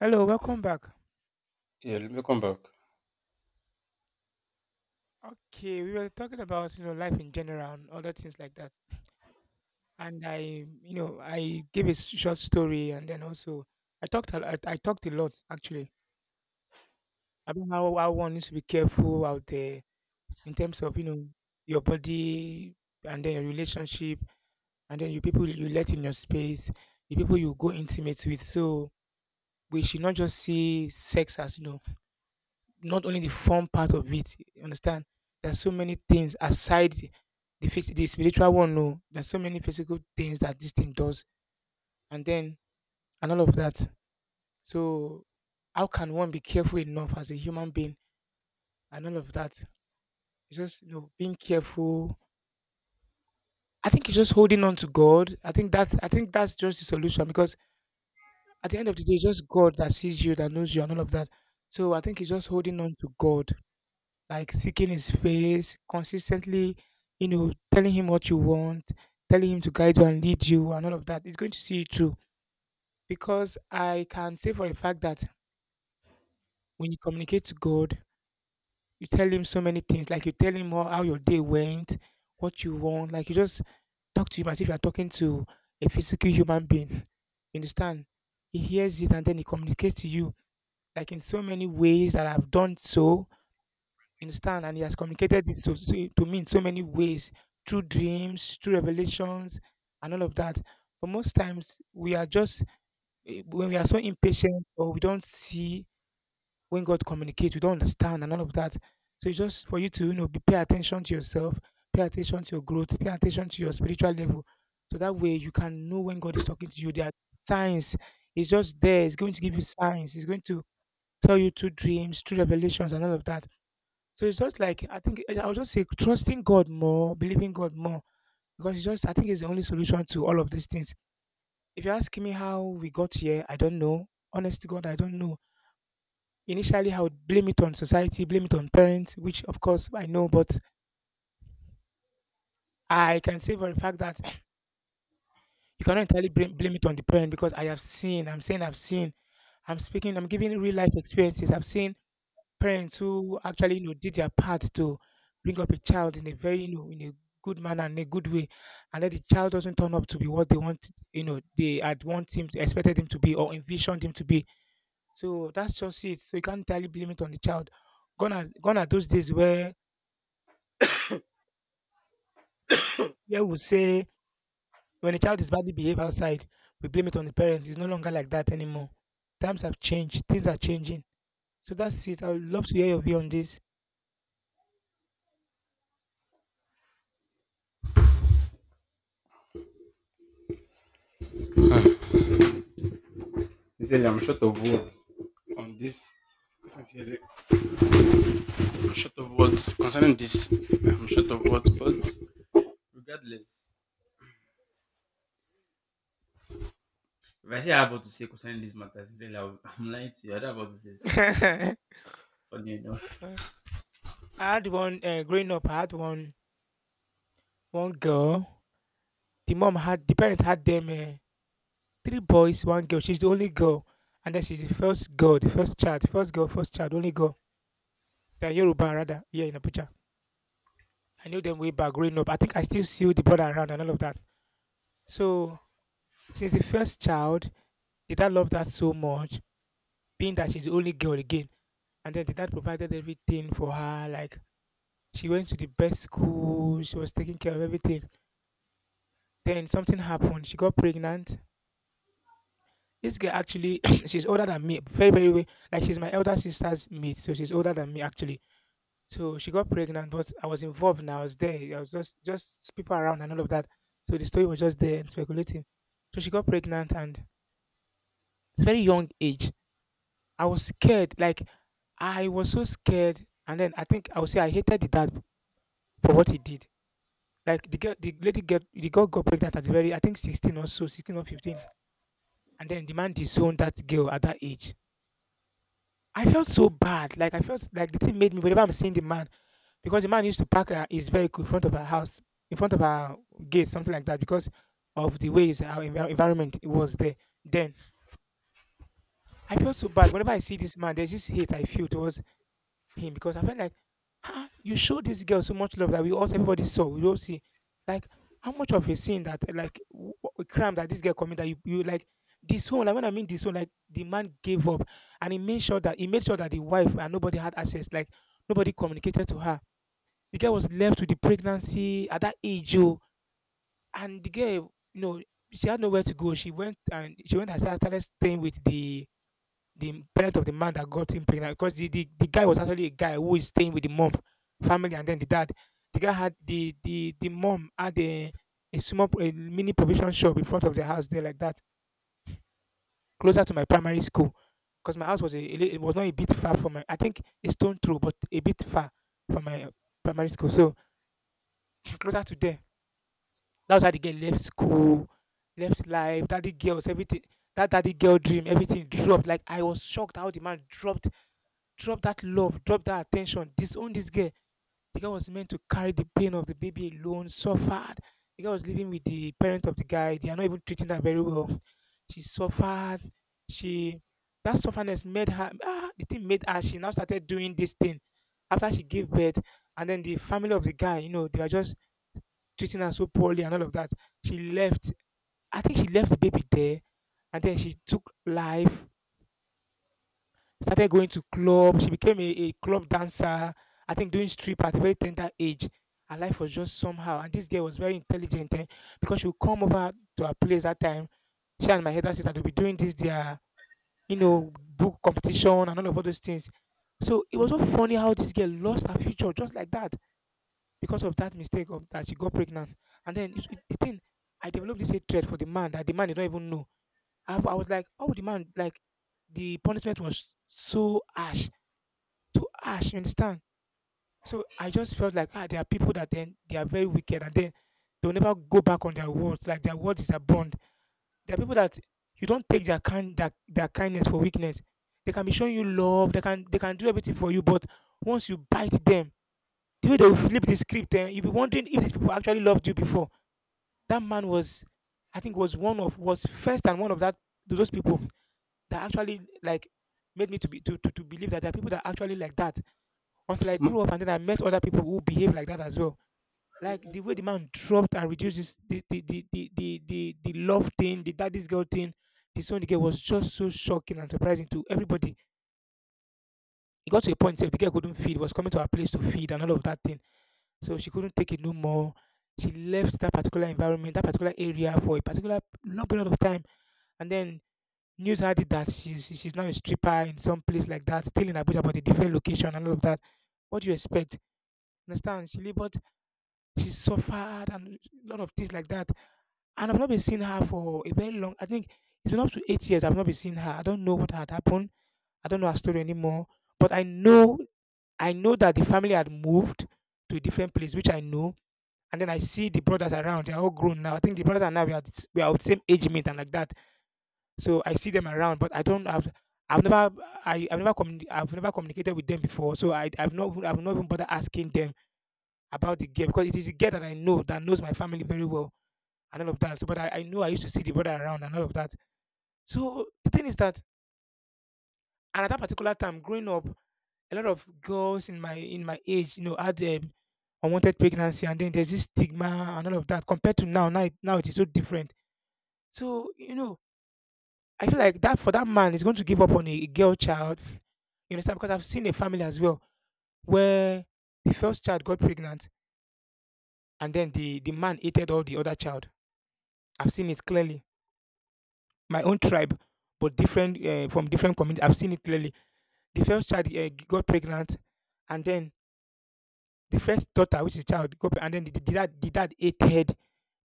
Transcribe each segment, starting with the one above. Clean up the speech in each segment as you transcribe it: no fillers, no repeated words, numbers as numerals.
Hello, welcome back. Yeah, let me come back. Okay, we were talking about life in general and other things like that. And I, I gave a short story, and then also I talked a lot actually about how one needs to be careful out there in terms of your body, and then your relationship, and then your people you let in your space, the people you go intimate with. So we should not just see sex as not only the fun part of it. You understand? There's so many things aside the the spiritual one. No, there's so many physical things that this thing does, and then and all of that. So, how can one be careful enough as a human being and all of that? It's just being careful. I think it's just holding on to God. I think that's just the solution because at the end of the day, it's just God that sees you, that knows you, and all of that. So I think it's just holding on to God, like seeking his face, consistently, telling him what you want, telling him to guide you and lead you and all of that. It's going to see you through. Because I can say for a fact that when you communicate to God, you tell him so many things, like you tell him how your day went, what you want, like you just talk to him as if you're talking to a physical human being. You understand? He hears it and then he communicates to you, like in so many ways that I've done so. You understand? And he has communicated it to me in so many ways, through dreams, through revelations, and all of that. But most times we are just when we are so impatient or we don't see when God communicates, we don't understand and all of that. So it's just for you to be, pay attention to yourself, pay attention to your growth, pay attention to your spiritual level. So that way you can know when God is talking to you. There are signs. It's just there. It's going to give you signs. It's going to tell you through dreams, through revelations, and all of that. So it's just like I think I would just say trusting God more, believing God more, because it's just I think it's the only solution to all of these things. If you ask me how we got here, I don't know. Honest to God, I don't know. Initially, I would blame it on society, blame it on parents, which of course I know, but I can say for the fact that you cannot entirely blame it on the parent because I have seen. I'm saying I've seen. I'm speaking. I'm giving real life experiences. I've seen parents who actually, did their part to bring up a child in a very, in a good manner and a good way, and then the child doesn't turn up to be what they want, they had want him, to, expected him to be or envisioned him to be. So that's just it. So you can't entirely blame it on the child. Gone are those days where we say when a child is badly behaved outside, we blame it on the parents. It's no longer like that anymore. Times have changed. Things are changing. So that's it. I would love to hear your view on this. He said, I'm short of words on this. Sincerely, I'm short of words concerning this. I'm short of words, but regardless, if I say I have what to say concerning this matter, sincerely, I'll- I'm lying to you. I don't have what to say concerning this. Funny enough, I had one growing up. I had one girl. The parent had them three boys, one girl. She's the only girl, and then she's the first girl, the first child, first girl, first child, only girl. They're Yoruba rather here in Abuja. I knew them way back growing up. I think I still see the brother around and all of that. So since the first child, the dad loved her so much, being that she's the only girl again, and then the dad provided everything for her. Like she went to the best school, she was taking care of everything. Then something happened. She got pregnant. This girl actually, she's older than me, very, very, way. Like she's my elder sister's mate, so she's older than me actually. So she got pregnant, but I was involved and I was there. I was just people around and all of that. So the story was just there and speculating. So she got pregnant and it's very young age. I was scared, like I was so scared. And then I think I would say I hated the dad for what he did. Like the girl, the lady girl, the girl got pregnant at very, I think 16 or so, 16 or 15. And then the man disowned that girl at that age. I felt so bad. Like I felt like the thing made me whenever I'm seeing the man, because the man used to park his vehicle in front of our house, in front of our gate, something like that, because of the ways our environment was there. Then I felt so bad whenever I see this man. There's this hate I feel towards him because I felt like ah, you show this girl so much love that we all everybody saw. We all see, like how much of a sin that like a crime that this girl committed. That you like disown. Like when I mean disown, like the man gave up and he made sure that the wife and nobody had access. Like nobody communicated to her. The girl was left with the pregnancy at that age, oh, and the girl, you know, she had nowhere to go. She went and started staying with the parent of the man that got him pregnant because the guy was actually a guy who is staying with the mom family, and then the dad the guy had the mom had a small a mini provision shop in front of the house there like that, closer to my primary school, because my house was a it was not a bit far from my I think a stone throw but a bit far from my primary school. So closer to there, that was how the girl left school, left life, daddy girls everything, that daddy girl dream everything dropped. Like I was shocked how the man dropped, drop that love, drop that attention, disown this girl. The girl was meant to carry the pain of the baby alone, suffered. The girl was living with the parent of the guy. They are not even treating her very well. She suffered. She that sufferness made her ah, the thing made her she now started doing this thing after she gave birth, and then the family of the guy, you know, they were just treating her so poorly and all of that. She left. I think she left the baby there, and then she took life, started going to club. She became a club dancer. I think doing strip at a very tender age. Her life was just somehow. And this girl was very intelligent because she would come over to her place that time. She and my elder sister will be doing this their book competition and all of all those things. So it was so funny how this girl lost her future just like that because of that mistake of that she got pregnant. And then the thing, I developed this hatred for the man that the man did not even know. I was like, oh, the man, like the punishment was so harsh to ash, you understand? So I just felt like ah, there are people that then they are very wicked and then they'll never go back on their words. Like their words is a bond. There are people that you don't take their kindness for weakness. They can be showing you love, they can do everything for you, but once you bite them, the way they will flip the script, eh, you'll be wondering if these people actually loved you before. That man was I think was one of was first and one of that those people that actually like made me to be to believe that there are people that are actually like that, until I grew you up and then I met other people who behave like that as well. Like the way the man dropped and reduced this, the love thing, the daddy's girl thing, the son the girl was just so shocking and surprising to everybody. It got to a point where the girl couldn't feed, was coming to her place to feed and all of that thing. So she couldn't take it no more. She left that particular environment, that particular area for a particular long period of time. And then news had it that she's now a stripper in some place like that, still in Abuja, but a different location and all of that. What do you expect? Understand? She labored. She suffered and a lot of things like that. And I've not been seeing her for a very long, I think it's been up to 8 years I've not been seeing her. I don't know what had happened. I don't know her story anymore. But I know that the family had moved to a different place, which I know. And then I see the brothers around. They're all grown now. I think the brothers are now we are of the same age mate and like that. So I see them around, but I don't have. I've never. I've never I've never communicated with them before. So I've not even bothered asking them about the girl because it is a girl that I know that knows my family very well and all of that. So, but I knew I used to see the brother around and all of that. So the thing is that, and at that particular time, growing up, a lot of girls in my age, you know, had unwanted pregnancy, and then there's this stigma and all of that. Compared to now, now it is so different. So you know, I feel like that for that man is going to give up on a girl child. You understand? Because I've seen a family as well where the first child got pregnant, and then the man hated all the other child. I've seen it clearly. My own tribe, but different from different communities. I've seen it clearly the first child got pregnant, and then the first daughter, which is child, and then the dad hated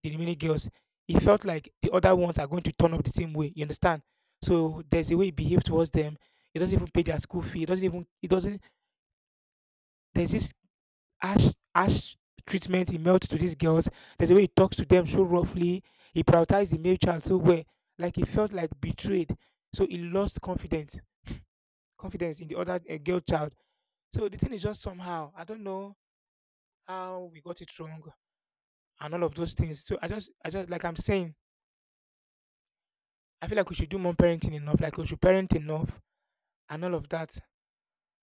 the remaining girls. He felt like the other ones are going to turn up the same way. You understand? So there's a way he behaves towards them. He doesn't even pay their school fee. He doesn't even. He doesn't. There's this harsh treatment he melts to these girls. There's a way he talks to them so roughly. He prioritized the male child so well, like he felt like betrayed. So he lost confidence, confidence in the other girl child. So the thing is just somehow I don't know how we got it wrong and all of those things. So I just like I'm saying, I feel like we should do more parenting enough, like we should parent enough and all of that.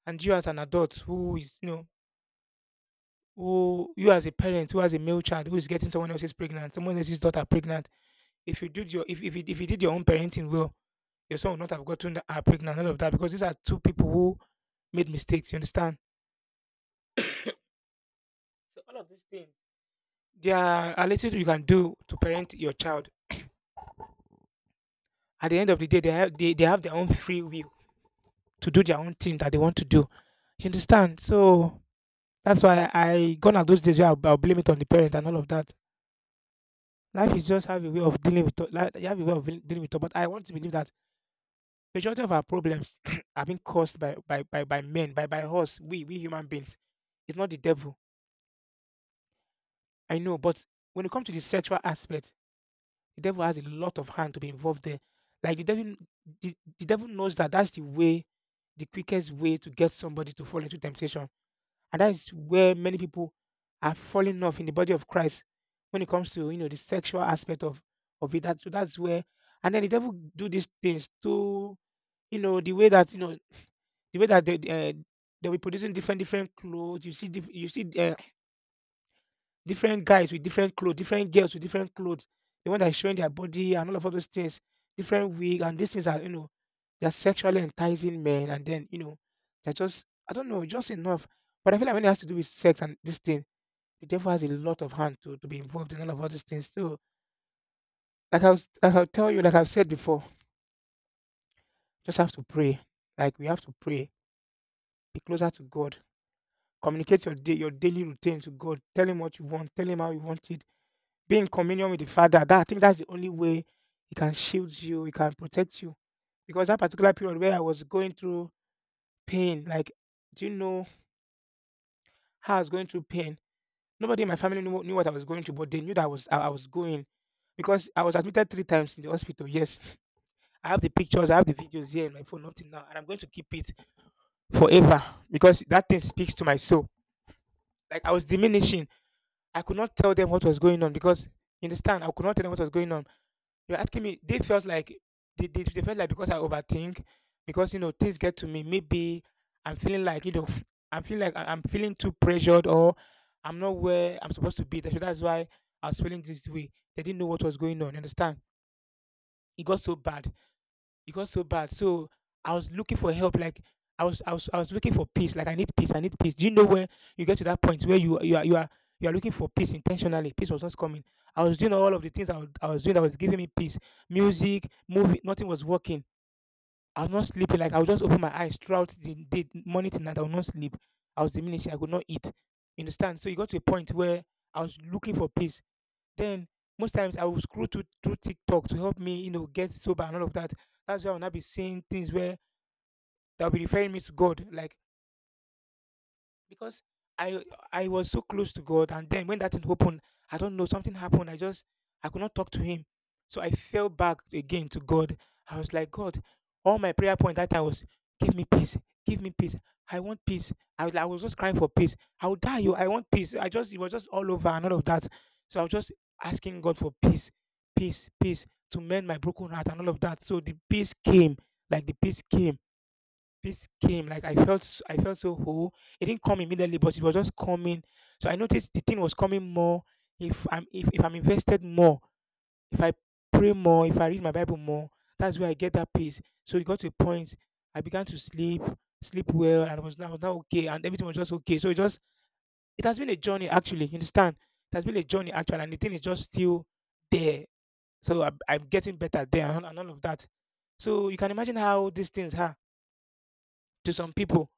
And you as an adult who is, you know, who you as a parent who has a male child who is getting someone else's pregnant, someone else's daughter pregnant. If you did your own parenting well, your son would not have gotten that are pregnant and all of that because these are two people who made mistakes. You understand? So all of these things, there are a little you can do to parent your child. At the end of the day, they have their own free will to do their own thing that they want to do. You understand? So that's why I gone at those days where I'll blame it on the parent and all of that. Life is just have a way of dealing with life, you have a way of dealing with it. But I want to believe that majority of our problems are being caused by by men, by us, we human beings. It's not the devil. I know, but when it comes to the sexual aspect, the devil has a lot of hand to be involved there. Like the devil, the devil knows that that's the way, the quickest way to get somebody to fall into temptation. And that is where many people are falling off in the body of Christ when it comes to, you know, the sexual aspect of it. That, so that's where and then the devil do these things to, you know, the way that you know the way that they'll be producing different different clothes. You see you see different guys with different clothes, different girls with different clothes. The one that is showing their body and all of all those things, different wig and these things are, you know, they're sexually enticing men and then, you know, they're just I don't know just enough. But I feel like when it has to do with sex and this thing the devil has a lot of hand to be involved in all of all these things. So, like I'll tell you, like I've said before, just have to pray. Like we have to pray, be closer to God, communicate your day, your daily routine to God. Tell Him what you want. Tell Him how you want it. Be in communion with the Father. That I think that's the only way He can shield you. He can protect you. Because that particular period where I was going through pain, like do you know how I was going through pain? Nobody in my family knew, knew what I was going through, but they knew that I was going because I was admitted three times in the hospital. Yes, I have the pictures, I have the videos here in my phone up till now, and I'm going to keep it forever because that thing speaks to my soul. Like I was diminishing. I could not tell them what was going on because, you understand, I could not tell them what was going on. You're asking me, they felt like they felt like because I overthink, because, you know, things get to me. Maybe I'm feeling like, you know, I'm feeling like I'm feeling too pressured or I'm not where I'm supposed to be. That's why I was feeling this way. They didn't know what was going on, you understand? It got so bad. It got so bad. So I was looking for help. Like I was looking for peace. Like I need peace. I need peace. Do you know when you get to that point where you are looking for peace intentionally? Peace was not coming. I was doing all of the things I was doing that was giving me peace. Music, movie, nothing was working. I was not sleeping. Like I would just open my eyes throughout the day, morning to night. I would not sleep. I was diminishing. I could not eat. You understand? So it got to a point where I was looking for peace. Then most times I would scroll through TikTok to help me, you know, get sober and all of that. That's why I'll not be seeing things where they'll be referring me to God. Like because I I was so close to God, and then when that thing happened, I don't know something happened. I just I could not talk to Him, so I fell back again to God. I was like, God, all my prayer point that time was, give me peace, give me peace. I want peace. I was like, I was just crying for peace. I will die. You, I want peace. I just it was just all over and all of that. So I was just asking God for peace, peace, peace to mend my broken heart and all of that. So the peace came, like the peace came. Peace came. Like I felt so whole. It didn't come immediately but it was just coming. So I noticed the thing was coming more. If I'm invested more, if I pray more, if I read my bible more, that's where I get that peace. So it got to a point I began to sleep well and I was now okay and everything was just okay. So it just it has been a journey actually, you understand, it has been a journey actually and the thing is just still there. So I'm getting better there and all of that, so you can imagine how these things are to some people.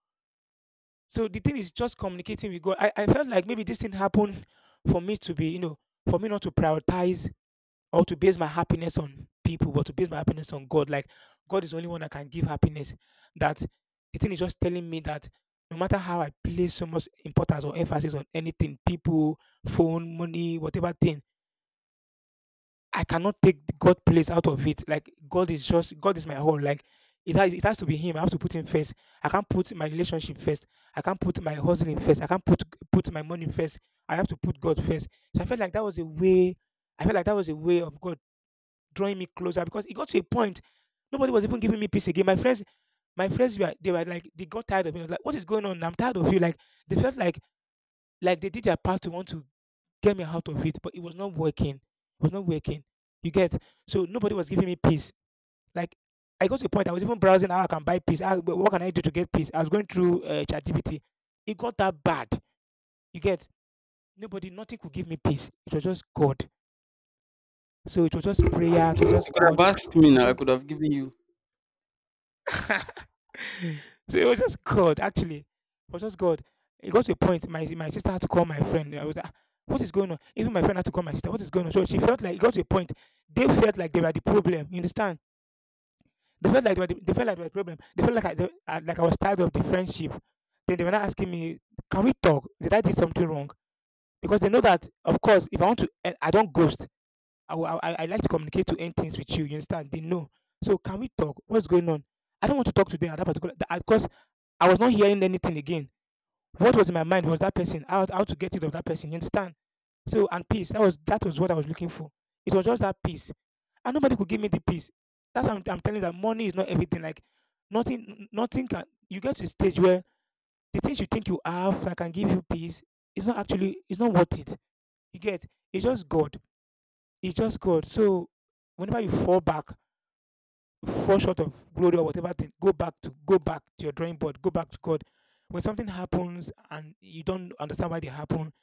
So the thing is just communicating with God. I felt like maybe this thing happened for me to be, you know, for me not to prioritize or to base my happiness on people, but to base my happiness on God. Like God is the only one that can give happiness. That the thing is just telling me that no matter how I place so much importance or emphasis on anything, people, phone, money, whatever thing, I cannot take the God place out of it. Like God is just, God is my whole. Like it has to be Him. I have to put Him first. I can't put my relationship first. I can't put my hustling first. I can't put my money first. I have to put God first. So I felt like that was a way. I felt like that was a way of God drawing me closer, because it got to a point nobody was even giving me peace again. My friends were they were like, they got tired of me. I was like, what is going on? I'm tired of you. Like they felt like, they did their part to want to get me out of it, but it was not working. It was not working. You get, so nobody was giving me peace. Like I got to a point I was even browsing how I can buy peace. How, what can I do to get peace? I was going through ChatGPT. It got that bad. You get, nobody, nothing could give me peace. It was just God. So it was just prayer. It was just could have God. asked me now. I could have given you So it was just God. Actually, it was just God. It got to a point. My sister had to call my friend. I was like, "Ah, what is going on?" Even my friend had to call my sister. What is going on? So she felt like it got to a point. They felt like they were the problem. You understand? They felt like they felt like they were a problem. They felt like like I was tired of the friendship. Then they were not asking me, "Can we talk? Did I do something wrong?" Because they know that, of course, if I want to, eh, I don't ghost. I like to communicate to end things with you. You understand? They know. So can we talk? What's going on? I don't want to talk to them at that particular. Because I was not hearing anything again. What was in my mind was that person. How to get rid of that person? You understand? So and peace, that was what I was looking for. It was just that peace, and nobody could give me the peace. That's why I'm telling you that money is not everything. Like nothing, nothing can. You get to a stage where the things you think you have that can give you peace is not actually. It's not worth it. You get. It's just God. It's just God. So whenever you fall back, you fall short of glory or whatever thing, go back to your drawing board. Go back to God. When something happens and you don't understand why they happen,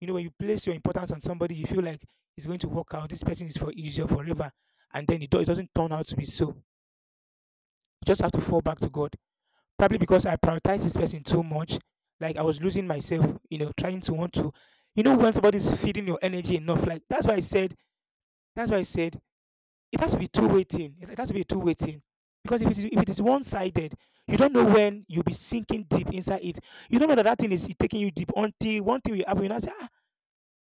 you know, when you place your importance on somebody, you feel like it's going to work out. This person is for is your forever, and then it doesn't turn out to be so. You just have to fall back to God. Probably because I prioritized this person too much. Like I was losing myself. You know, trying to want to. You know, when somebody's feeding your energy enough, like that's why I said. That's why I said it has to be two-way thing. It has to be a two-way thing. Because if it is one sided, you don't know when you'll be sinking deep inside it. You don't know that that thing is taking you deep until one thing will happen. You know,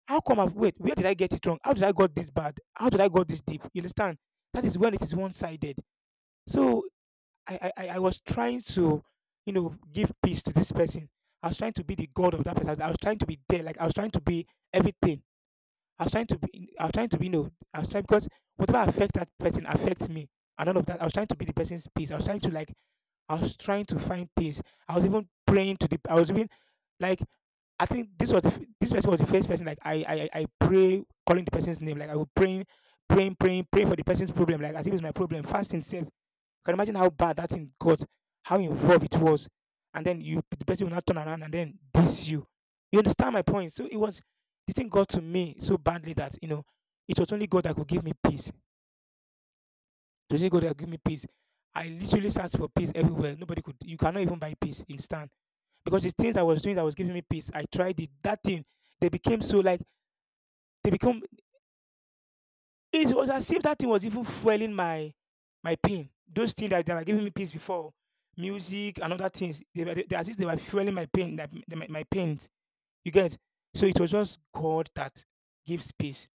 how come I've wait, where did I get it wrong? How did I got this bad? How did I got this deep? You understand? That is when it is one-sided. So I was trying to, you know, give peace to this person. I was trying to be the god of that person. I was trying to be there, like I was trying to be everything. I was trying to be you know, I was trying because whatever affects that person affects me. And all of that. I was trying to be the person's peace. I was trying to like I was trying to find peace. I was even like, I think this was this person was the first person like I pray calling the person's name like I was praying for the person's problem, like as if it was my problem, fasting self. Can you imagine how bad that thing got, how involved it was? And then you, the person will not turn around and then diss you. You understand my point? So it was, the thing got to me so badly that, you know, it was only God that could give me peace it was only God that could give me peace. I literally searched for peace everywhere, nobody could. You cannot even buy peace in stand, because the things I was doing that was giving me peace, I tried it. That thing, they became so like they become. It was as if that thing was even fueling my my pain. Those things that, that were giving me peace before, music and other things, they were they, as if they were fueling my pain, that my pains. You get. So it was just God that gives peace.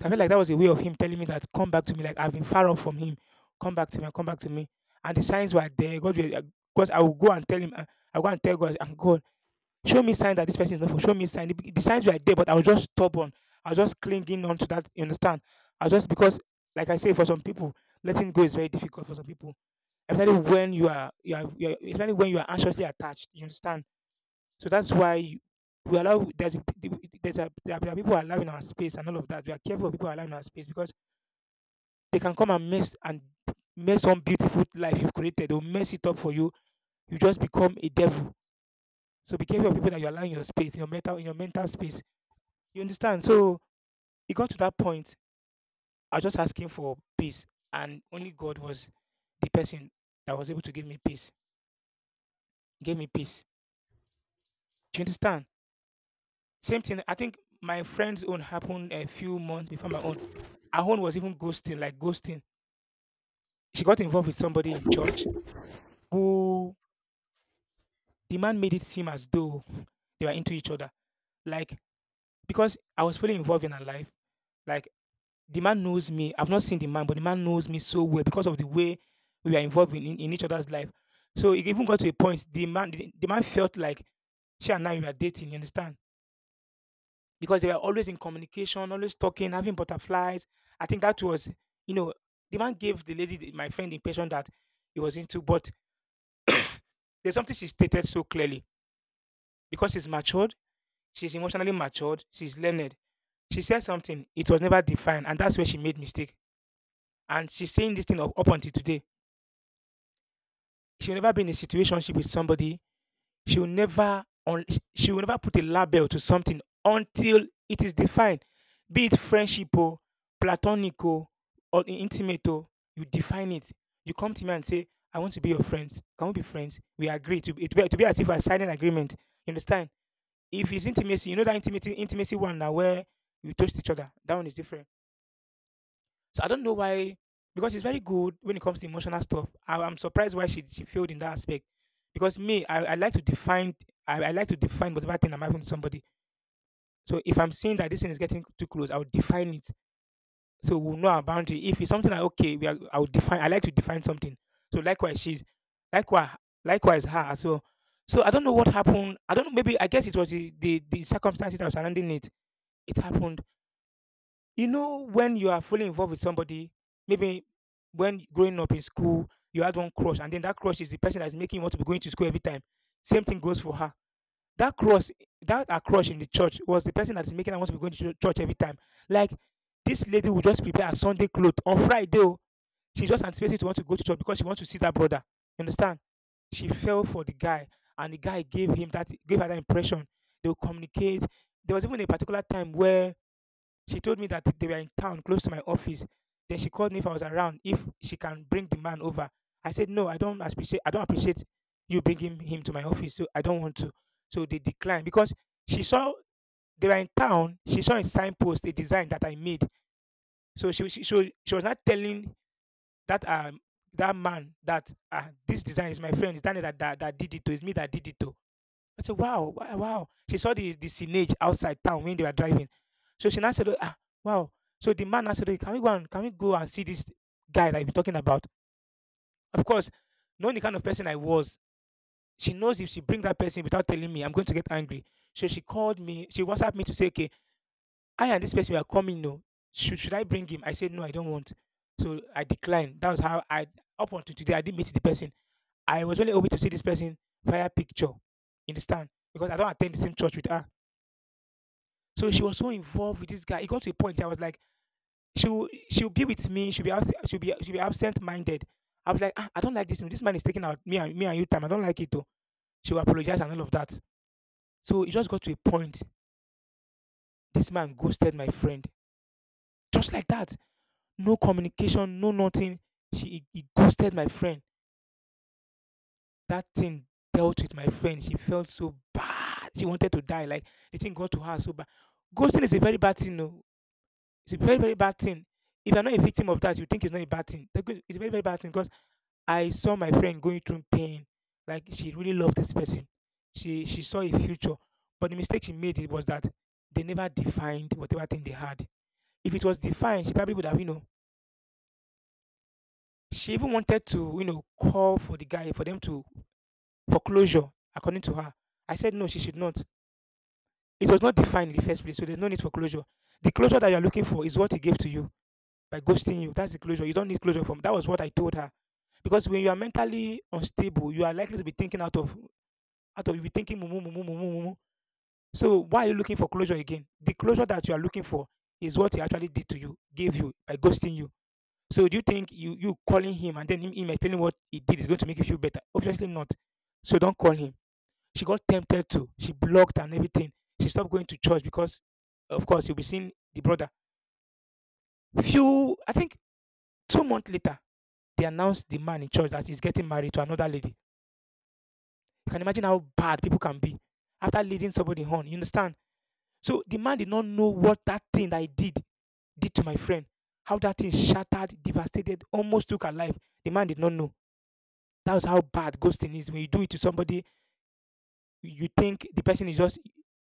So I felt like that was a way of Him telling me that come back to me. Like I've been far off from Him. Come back to me. Come back to me. And the signs were there. Because I will go and tell Him. I will go and tell God. And God show me sign that this person is not for show me sign, the signs were there, but I was just stubborn. I was just clinging on to that, you understand? I was just, because like I say, for some people letting go is very difficult. For some people, especially when you are especially when you are anxiously attached, you understand? So that's why you, we allow, there are people allowing our space and all of that. We are careful of people allowing our space because they can come and mess some beautiful life you've created. They'll mess it up for you. You just become a devil. So be careful of people that you are allowing your space, in your mental space. You understand? So it got to that point. I was just asking for peace, and only God was the person that was able to give me peace. He gave me peace. Do you understand? Same thing. I think my friend's own happened a few months before my own. Her own was even ghosting, like ghosting. She got involved with somebody in church who, the man made it seem as though they were into each other. Like because I was fully involved in her life, like the man knows me. I've not seen the man, but the man knows me so well because of the way we are involved in, each other's life. So it even got to a point the man felt like she and I were dating, you understand? Because they were always in communication, always talking, having butterflies. I think that was, you know, the man gave the lady, my friend, the impression that he was into, but there's something she stated so clearly. Because she's matured, she's emotionally matured, she's learned. She said something, it was never defined, and that's where she made mistake. And she's saying this thing up until today she will never be in a situationship with somebody. She will never on. She will never put a label to something until it is defined. Be it friendship or platonic o, or intimate o, you define it. You come to me and say, I want to be your friend. Can we be friends? We agree. To be as if I signed an agreement. You understand? If it's intimacy, you know that intimacy one now where you touch each other. That one is different. So I don't know why, because she's very good when it comes to emotional stuff. I'm surprised why she failed in that aspect. Because me, I like to define, I like to define whatever thing I'm having with somebody. So if I'm seeing that this thing is getting too close, I'll define it. So we'll know our boundary. If it's something like okay, we are, I'll define. I like to define something. So likewise, likewise, likewise her as well. So I don't know what happened. I don't know. Maybe I guess it was the circumstances that was surrounding it. It happened, you know, when you are fully involved with somebody, maybe when growing up in school, you had one crush, and then that crush is the person that's making you want to be going to school every time. Same thing goes for her. That crush, that her crush in the church was the person that's making her want to be going to church every time. Like this lady will just prepare her Sunday clothes on Friday. Oh, She just anticipated to want to go to church because she wants to see that brother. You understand? She fell for the guy, and the guy gave him that gave her that impression. They will communicate. There was even a particular time where she told me that they were in town close to my office. Then she called me if I was around, if she can bring the man over. I said no, I don't appreciate. I don't appreciate you bringing him to my office. So I don't want to. So they declined because she saw they were in town. She saw a signpost, a design that I made. So she so she was not telling that um that man that this design is my friend. It's Daniel that, that did it. To. It's me that did it. To. I said, wow, wow, wow. She saw the signage outside town when they were driving. So she now said, oh, ah, wow. So the man now said, "Oh, can we go and can we go and see this guy that you've been talking about?" Of course, knowing the kind of person I was, she knows if she brings that person without telling me, I'm going to get angry. So she called me, she WhatsApped me to say, okay, I and this person we are coming, no. Should I bring him? I said, no, I don't want. So I declined. That was how I, up until today, I didn't meet the person. I was only able to see this person via picture in the stand because I don't attend the same church with her. So she was so involved with this guy. It got to a point I was like, she'll be with me. She'll be absent minded. I was like, ah, I don't like this. This man is taking out me and you time. I don't like it though. She will apologize and all of that. So it just got to a point. This man ghosted my friend. Just like that. No communication, no nothing. He ghosted my friend. That thing dealt with my friend. She felt so bad. She wanted to die. Like the thing got to her so bad. Ghosting is a very bad thing. No, it's a very, very bad thing. If you're not a victim of that, you think it's not a bad thing. It's a very, very bad thing because I saw my friend going through pain. Like she really loved this person. She saw a future. But the mistake she made it was that they never defined whatever thing they had. If it was defined, she probably would have, you know, she even wanted to, you know, call for the guy for them to for closure, according to her. I said no, she should not. It was not defined in the first place, so there's no need for closure. The closure that you're looking for is what he gave to you by ghosting you. That's the closure. You don't need closure from. That was what I told her. Because when you are mentally unstable, you are likely to be thinking out of you be thinking mumu mumu mumu mumu. So why are you looking for closure again? The closure that you are looking for is what he actually did to you, gave you by ghosting you. So do you think you calling him and then him explaining what he did is going to make you feel better? Obviously not. So don't call him. She got tempted to. She blocked and everything. She stopped going to church because, of course, you'll be seeing the brother. Few, I think, 2 months later, they announced the man in church that he's getting married to another lady. You can imagine how bad people can be after leading somebody on. You understand? So the man did not know what that thing that he did to my friend. How that thing shattered, devastated, almost took her life. The man did not know. That was how bad ghosting is. When you do it to somebody, you think the person is just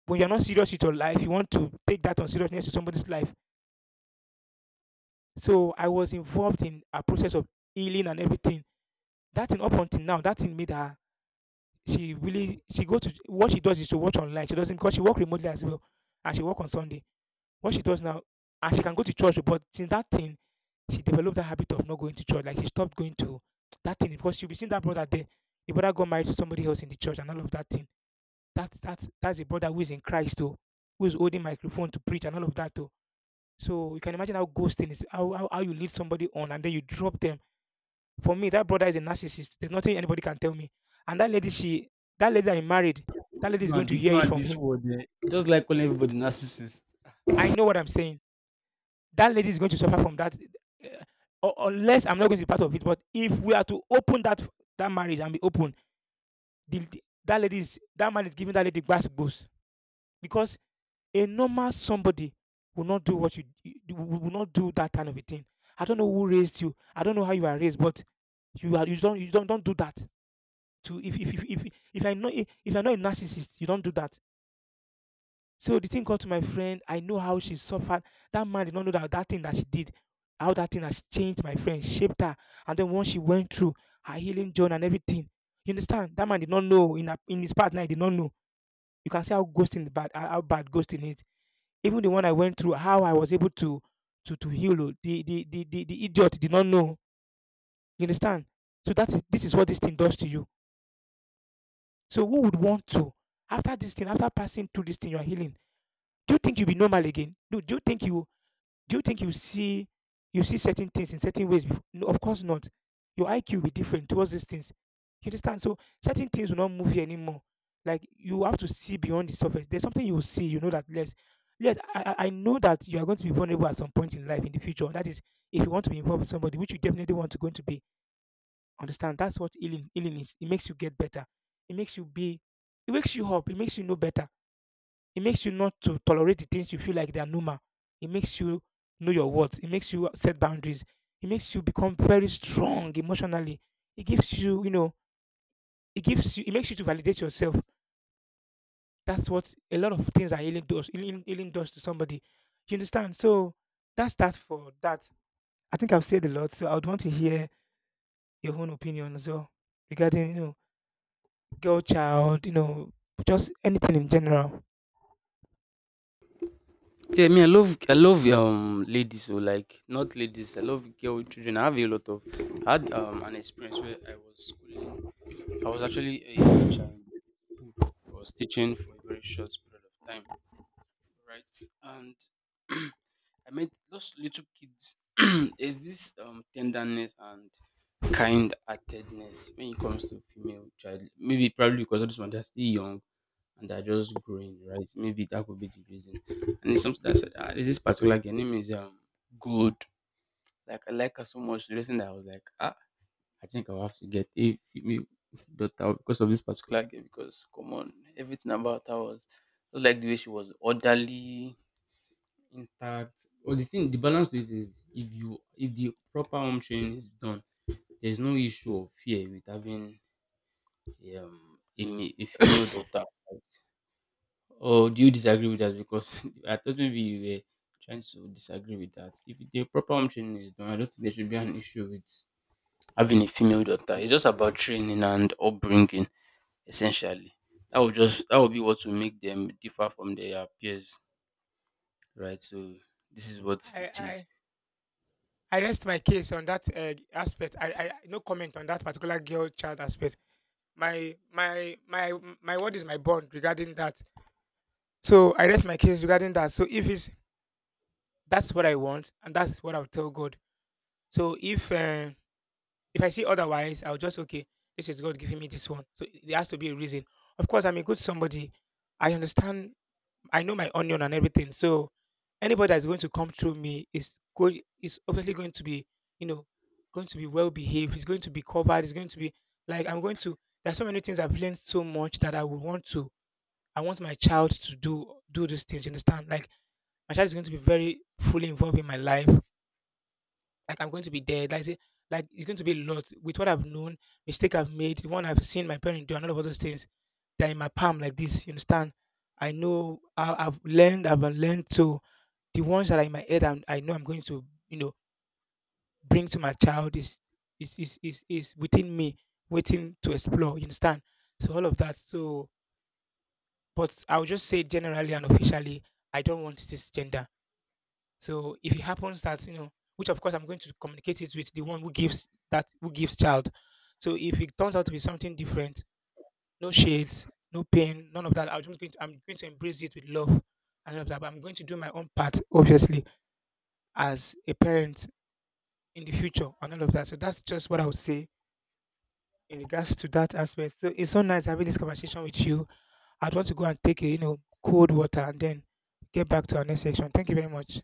when you're not serious with your life, you want to take that on seriousness to somebody's life. So I was involved in a process of healing and everything. That thing up until now, that thing made her she really she go to what she does is to watch online. She doesn't because she work remotely as well, and she work on Sunday. What she does now, and she can go to church, but since that thing, she developed that habit of not going to church. Like she stopped going to that thing because she'll be seeing that brother there. The brother got married to somebody else in the church and all of that thing. That's a brother who is in Christ too, who is holding microphone to preach and all of that too. So you can imagine how ghosting is, how, how you lead somebody on and then you drop them. For me, that brother is a narcissist. There's nothing anybody can tell me. And that lady, she, that lady that I married, that lady you is going and the, to hear you it and from this him. word. Just like calling everybody narcissist. I know what I'm saying. That lady is going to suffer from that, uh, unless I'm not going to be part of it. But if we are to open that marriage and be open, that lady is, that man is giving that lady glass goes because a normal somebody will not do what you will not do that kind of a thing. I don't know who raised you. I don't know how you are raised, but you are, you don't don't do that. To if I know, if you're not a narcissist, you don't do that. So the thing got to my friend. I know how she suffered. That man did not know that that thing that she did, how that thing has changed my friend, shaped her, and then once she went through her healing journey and everything, you understand? That man did not know in a, in his partner. He did not know. You can see how ghosting is bad, how bad ghosting is. Even the one I went through, how I was able to heal. Oh, the idiot did not know. You understand? So this is what this thing does to you. So who would want to, after this thing, after passing through this thing, you are healing. Do you think you'll be normal again? No. Do you think you do you think you see certain things in certain ways? No, of course not. Your IQ will be different towards these things. You understand? So certain things will not move you anymore. Like you have to see beyond the surface. There's something you will see. You know that less. Yet I know that you are going to be vulnerable at some point in life in the future. That is, if you want to be involved with somebody, which you definitely want to going to be. Understand? That's what healing is. It makes you get better. It makes you be. It wakes you up. It makes you know better. It makes you not to tolerate the things you feel like they are normal. It makes you know your worth. It makes you set boundaries. It makes you become very strong emotionally. It gives you, you know, it gives you, it makes you to validate yourself. That's what a lot of things are healing does. Healing does to somebody. You understand? So that's that for that. I think I've said a lot. So I would want to hear your own opinion as well regarding, you know, girl child, you know, just anything in general. Yeah, me, I love ladies who like not ladies. I love girl children. I have a lot of I had an experience where I was schooling. I was actually a I teacher in grade school. I was teaching for a very short period of time, right? And I met those little kids. There's this tenderness and kind heartedness when it comes to female child. Maybe probably because all these ones they're still young and they're just growing, right? Maybe that could be the reason. And it's something that I said, ah, there's this particular girl, her name is good. Like I like her so much. The reason that I was like, ah, I think I'll have to get a female daughter because of this particular game. Because come on, everything about her was just like the way she was orderly, intact. Well, the thing, the balance with is if the proper home training is done, there's no issue of fear with having um, a female daughter. Or do you disagree with that? Because I thought maybe you were trying to disagree with that. If the proper home training is done, I don't think there should be an issue with having a female daughter. It's just about training and upbringing essentially. That would just that would be what will make them differ from their peers, right? So this is what it is. I I rest my case on that aspect. I no comment on that particular girl child aspect. My my my my word is my bond regarding that. So I rest my case regarding that. So if it's that's what I want and that's what I'll tell God. So if I see otherwise, I'll just okay. This is God giving me this one. So there has to be a reason. Of course, I'm a good somebody. I understand, I know my onion and everything. So anybody that's going to come through me is going is obviously going to be, you know, going to be well behaved. It's going to be covered. It's going to be like I'm going to. There's so many things I've learned so much that I would want to. I want my child to do these things. You understand? Like my child is going to be very fully involved in my life like I'm going to be dead. Like, say, like it's going to be a lot with what I've known, mistake I've made, the one I've seen my parents do, and all of all those things that are in my palm like this. You understand? I know I've learned. So the ones that are in my head, I know I'm going to, you know, bring to my child is is within me, waiting to explore. You understand? So all of that. So, but I would just say generally and officially, I don't want this gender. So if it happens that you know, which of course I'm going to communicate it with the one who gives that who gives child. So if it turns out to be something different, no shades, no pain, none of that. I'm going to embrace it with love and all of that. But I'm going to do my own part, obviously, as a parent in the future and all of that. So that's just what I would say in regards to that aspect. So it's so nice having this conversation with you. I'd want to go and take a, you know, cold water and then get back to our next section. Thank you very much.